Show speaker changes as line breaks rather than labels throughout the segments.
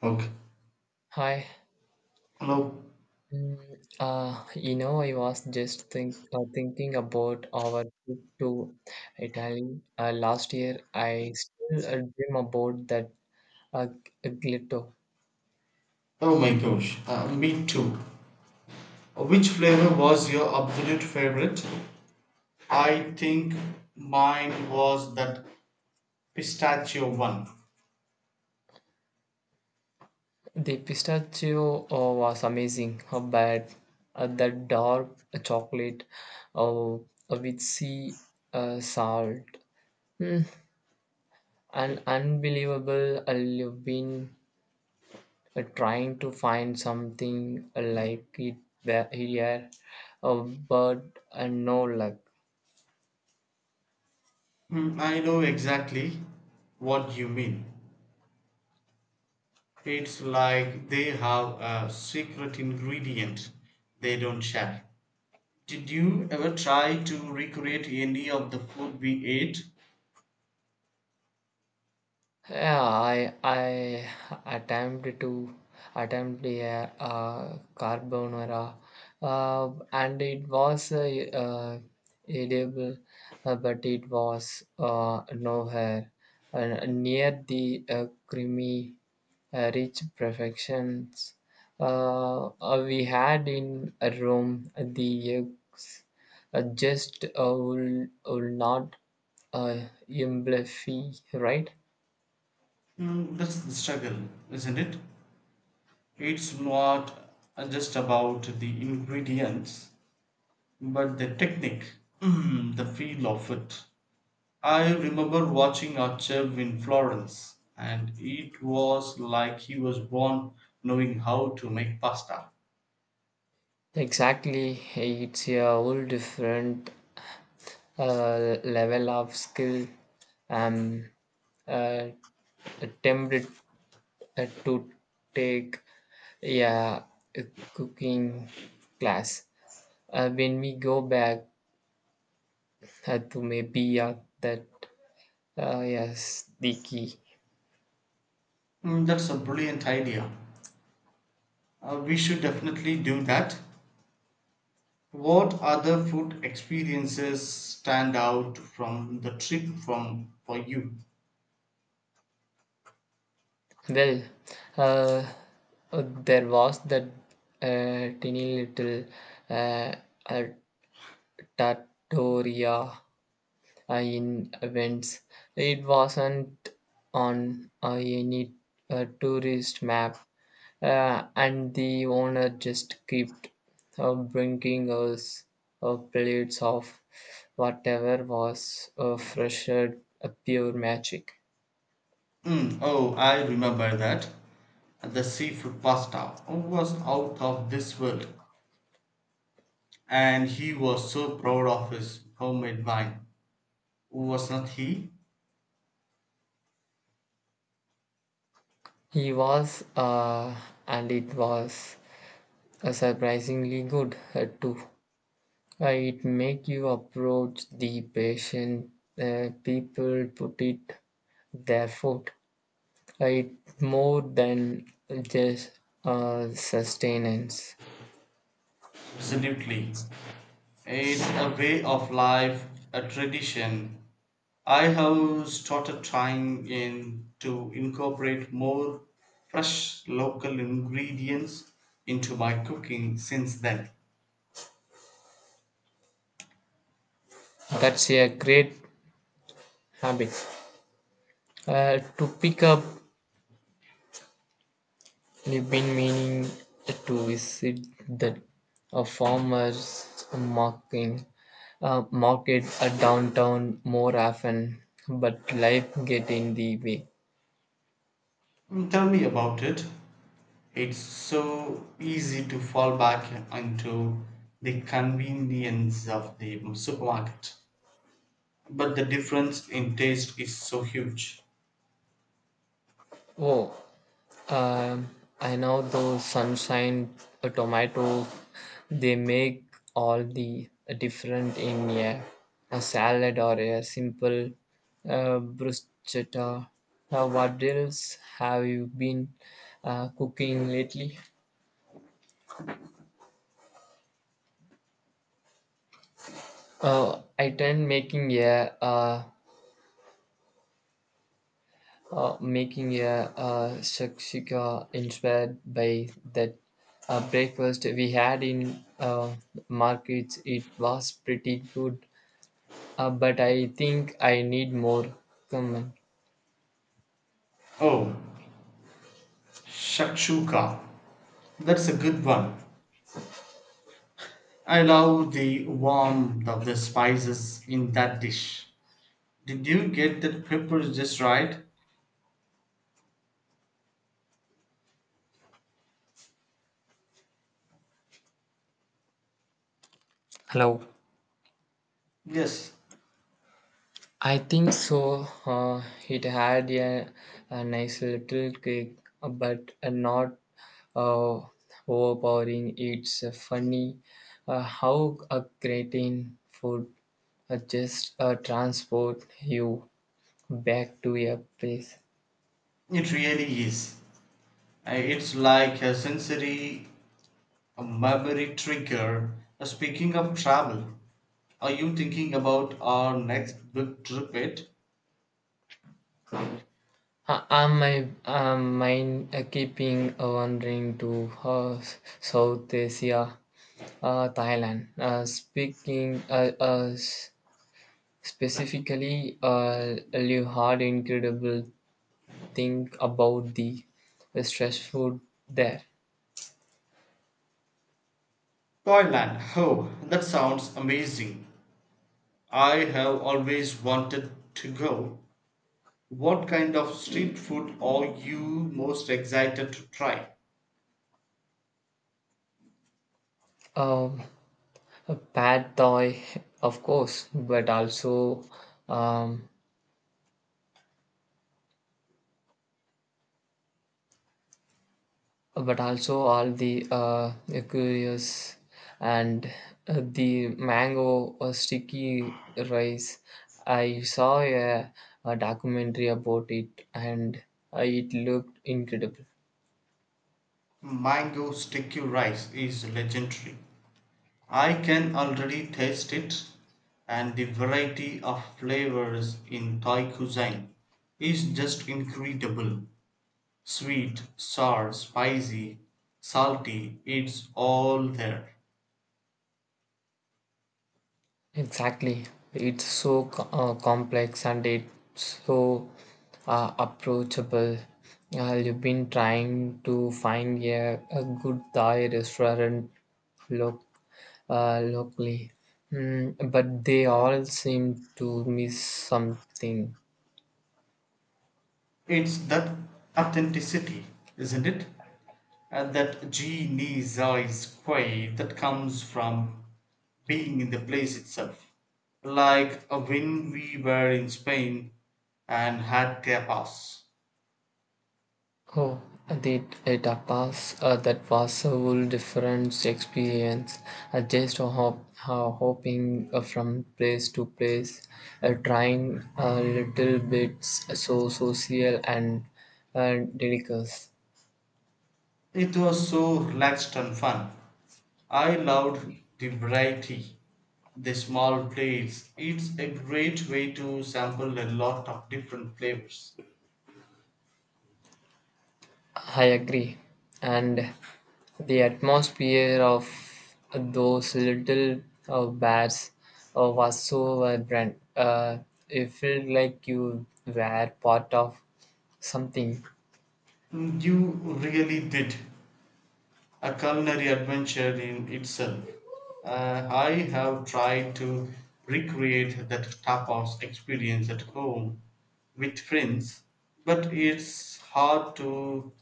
Okay.
Hi.
Hello.
I was just thinking about our trip to Italy last year. I still dream about that gelato.
Oh my gosh. Me too. Which flavor was your absolute favorite? I think mine was that pistachio one.
The pistachio was amazing, but the dark chocolate uh, with sea salt, mm, an unbelievable leaven, trying to find something like it there here, uh, but no luck.
I know exactly what you mean. It's like they have a secret ingredient they don't share. Did you ever try to recreate any of the food we ate?
Yeah, I attempted to attempt a, carbonara, and it was uh, edible, but it was nowhere near the creamy reach perfections we had in Rome. The eggs just will not uh, amplify, right?
Hmm, that's the struggle, isn't it? It's not just about the ingredients, but the technique, the feel of it. I remember watching a chef in Florence, and it was like he was born knowing how to make pasta.
Exactly, it's a whole different level of skill. Um, uh, Attempted to take, yeah, a cooking class. When we go back to maybe that. Ah, yes, the key.
Mm, that's a brilliant idea. We should definitely do that. What other food experiences stand out from the trip from for you?
Well, uh, there was that tiny little uh, uh, trattoria in events. It wasn't on any tourist map, and the owner just kept bringing us plates of whatever was fresher, pure magic.
Mm, oh, I remember that. The seafood pasta was out of this world, and he was so proud of his homemade wine. Was not he?
He was, and it was surprisingly good too. It make you approach the patient, people put it their foot. It more than just sustenance.
Absolutely. It's a way of life, a tradition. I have started trying in to incorporate more fresh local ingredients into my cooking since then.
That's a great habit to pick up. You've been meaning to visit the farmers market downtown more often, but life get in the way.
Mm, tell me about it. It's so easy to fall back into the convenience of the supermarket, but the difference in taste is so huge.
Oh, um, I know those sunshine tomatoes, they make all the different in a salad or a simple bruschetta. Now, what else have you been cooking lately? I tend making a, making a shakshika inspired by that breakfast we had in markets. It was pretty good, but I think I need more. Come on.
Oh, shakshuka. That's a good one. I love the warmth of the spices in that dish. Did you get that pepper just right?
Hello.
Yes,
I think so. It had a nice little kick, but not uh, overpowering. It's funny how a gratin food just transport you back to your place.
it really is. It's like a sensory, a memory trigger. Speaking of travel, are you thinking about our next big trip yet?
Am I am mind keeping wandering to South Asia, Thailand? Specifically, you had incredible think about the stress food there.
Thailand. Oh, that sounds amazing. I have always wanted to go. What kind of street food are you most excited to try?
Um, a pad thai, of course, um, but also all the curious and the mango or sticky rice. I saw a documentary about it, and it looked incredible.
Mango sticky rice is legendary. I can already taste it, and the variety of flavors in Thai cuisine is just incredible. Sweet, sour, spicy, salty, it's all there.
Exactly. It's so complex, and it's so approachable. You've been trying to find a good Thai restaurant loc locally, but they all seem to miss something.
It's that authenticity, isn't it? And that genie's quay that comes from being in the place itself. Like when we were in Spain and had tapas.
Oh, the the tapas, that was a whole different experience. Just hopping from place to place, trying a little bits, so social and delicious.
It was so relaxed and fun. I loved the variety, the small plates. It's a great way to sample a lot of different flavors.
I agree, and the atmosphere of those little bars was so vibrant. It felt like you were part of something.
Mm, you really did a culinary adventure in itself. I have tried to recreate that tapas experience at home with friends, but it's hard to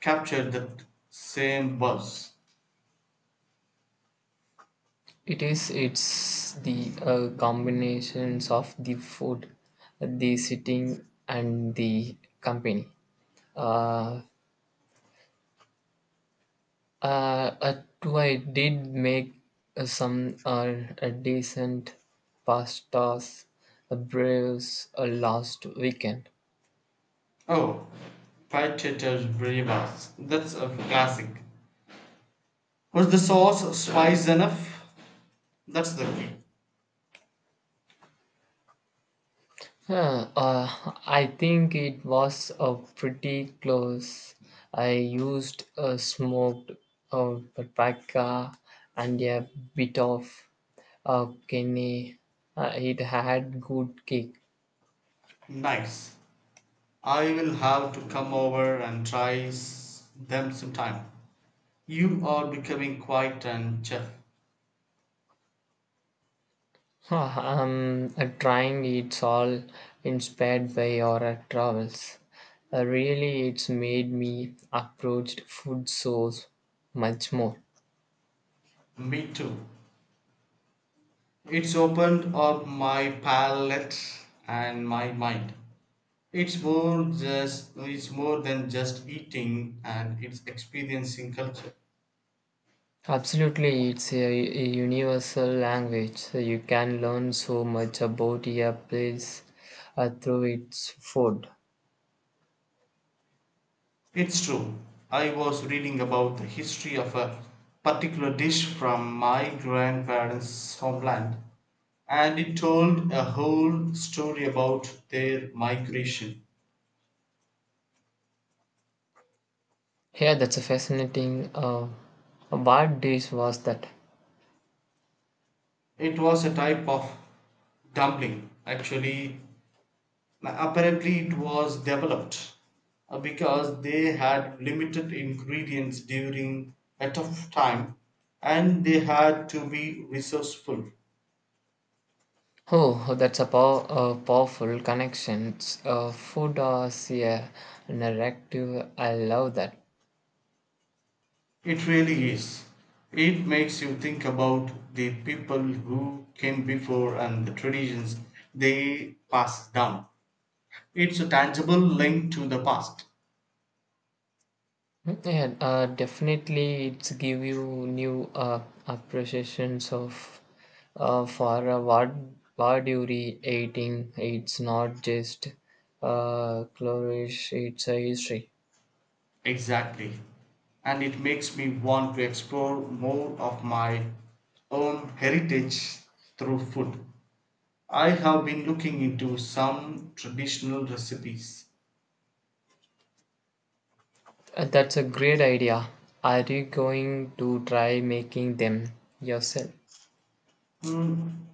capture that same buzz.
It is. It's the combinations of the food, the sitting, and the company. Uh, do I did make some decent pastas, brews last weekend.
Oh, potatoes, Brevas. That's a classic. Was the sauce spice enough? That's the key.
I think it was pretty close. I used a smoked uh, paprika and a bit of kidney. It had good kick.
Nice. I will have to come over and try them sometime. You are becoming quite an chef.
I'm trying, it's all inspired by your travels. Really, it's made me approach food so much more.
Me too. It's opened up my palate and my mind. It's more than just eating and it's experiencing culture.
Absolutely, it's a universal language. So you can learn so much about a place through its food.
It's true. I was reading about the history of a particular dish from my grandparents' homeland, and it told a whole story about their migration.
Yeah, that's a fascinating. What dish was that?
It was a type of dumpling, actually. Apparently, it was developed because they had limited ingredients during a tough time and they had to be resourceful.
Oh, that's a powerful connection. Food as a narrative. I love that.
It really is. It makes you think about the people who came before and the traditions they passed down. It's a tangible link to the past.
Yeah, definitely, it's give you new appreciations of for what you re eating. It's not just chlorish, it's a history.
Exactly. And it makes me want to explore more of my own heritage through food. I have been looking into some traditional recipes.
That's a great idea. Are you going to try making them yourself?
Hmm,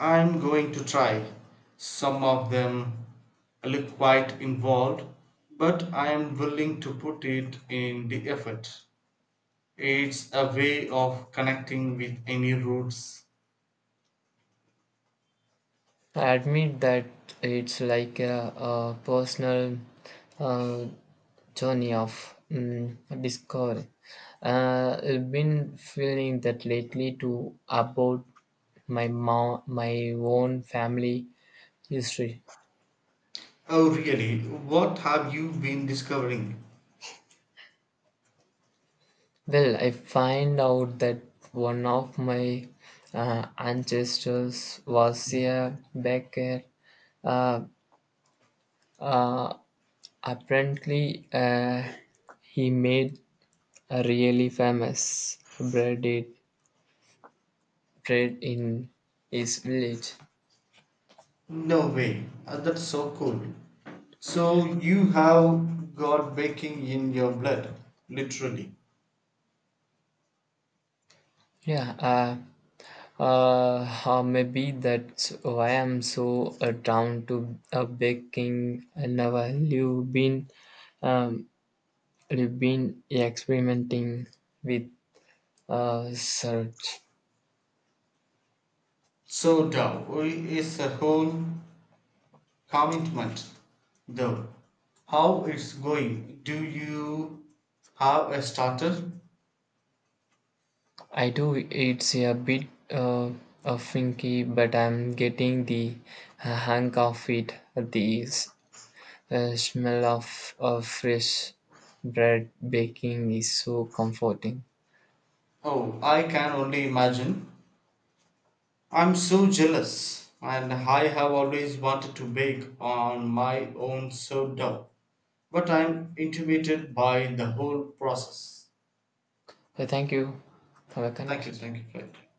I'm going to try. Some of them look quite involved, but I'm willing to put it in the effort. It's a way of connecting with any roots.
I admit that it's like a personal uh, journey of discovery. I've been feeling that lately too about my mom, my own family history.
Oh, really? What have you been discovering?
Well, I find out that one of my ancestors was a baker. Uh, uh, Apparently, he made a really famous bread it trade in his village.
No way. That's so cool. So, you have got baking in your blood, literally.
Yeah, maybe that's why I'm so down to a baking. I never um, you've been experimenting with search.
So, Tao is a whole commitment though. How it's going? Do you have a starter?
I do. It's a bit of funky, but I'm getting the hang of it. These, the smell of fresh bread baking is so comforting.
Oh, I can only imagine. I'm so jealous, and I have always wanted to bake on my own sourdough, but I'm intimidated by the whole process.
So thank you. Have a conversation.
Thank you for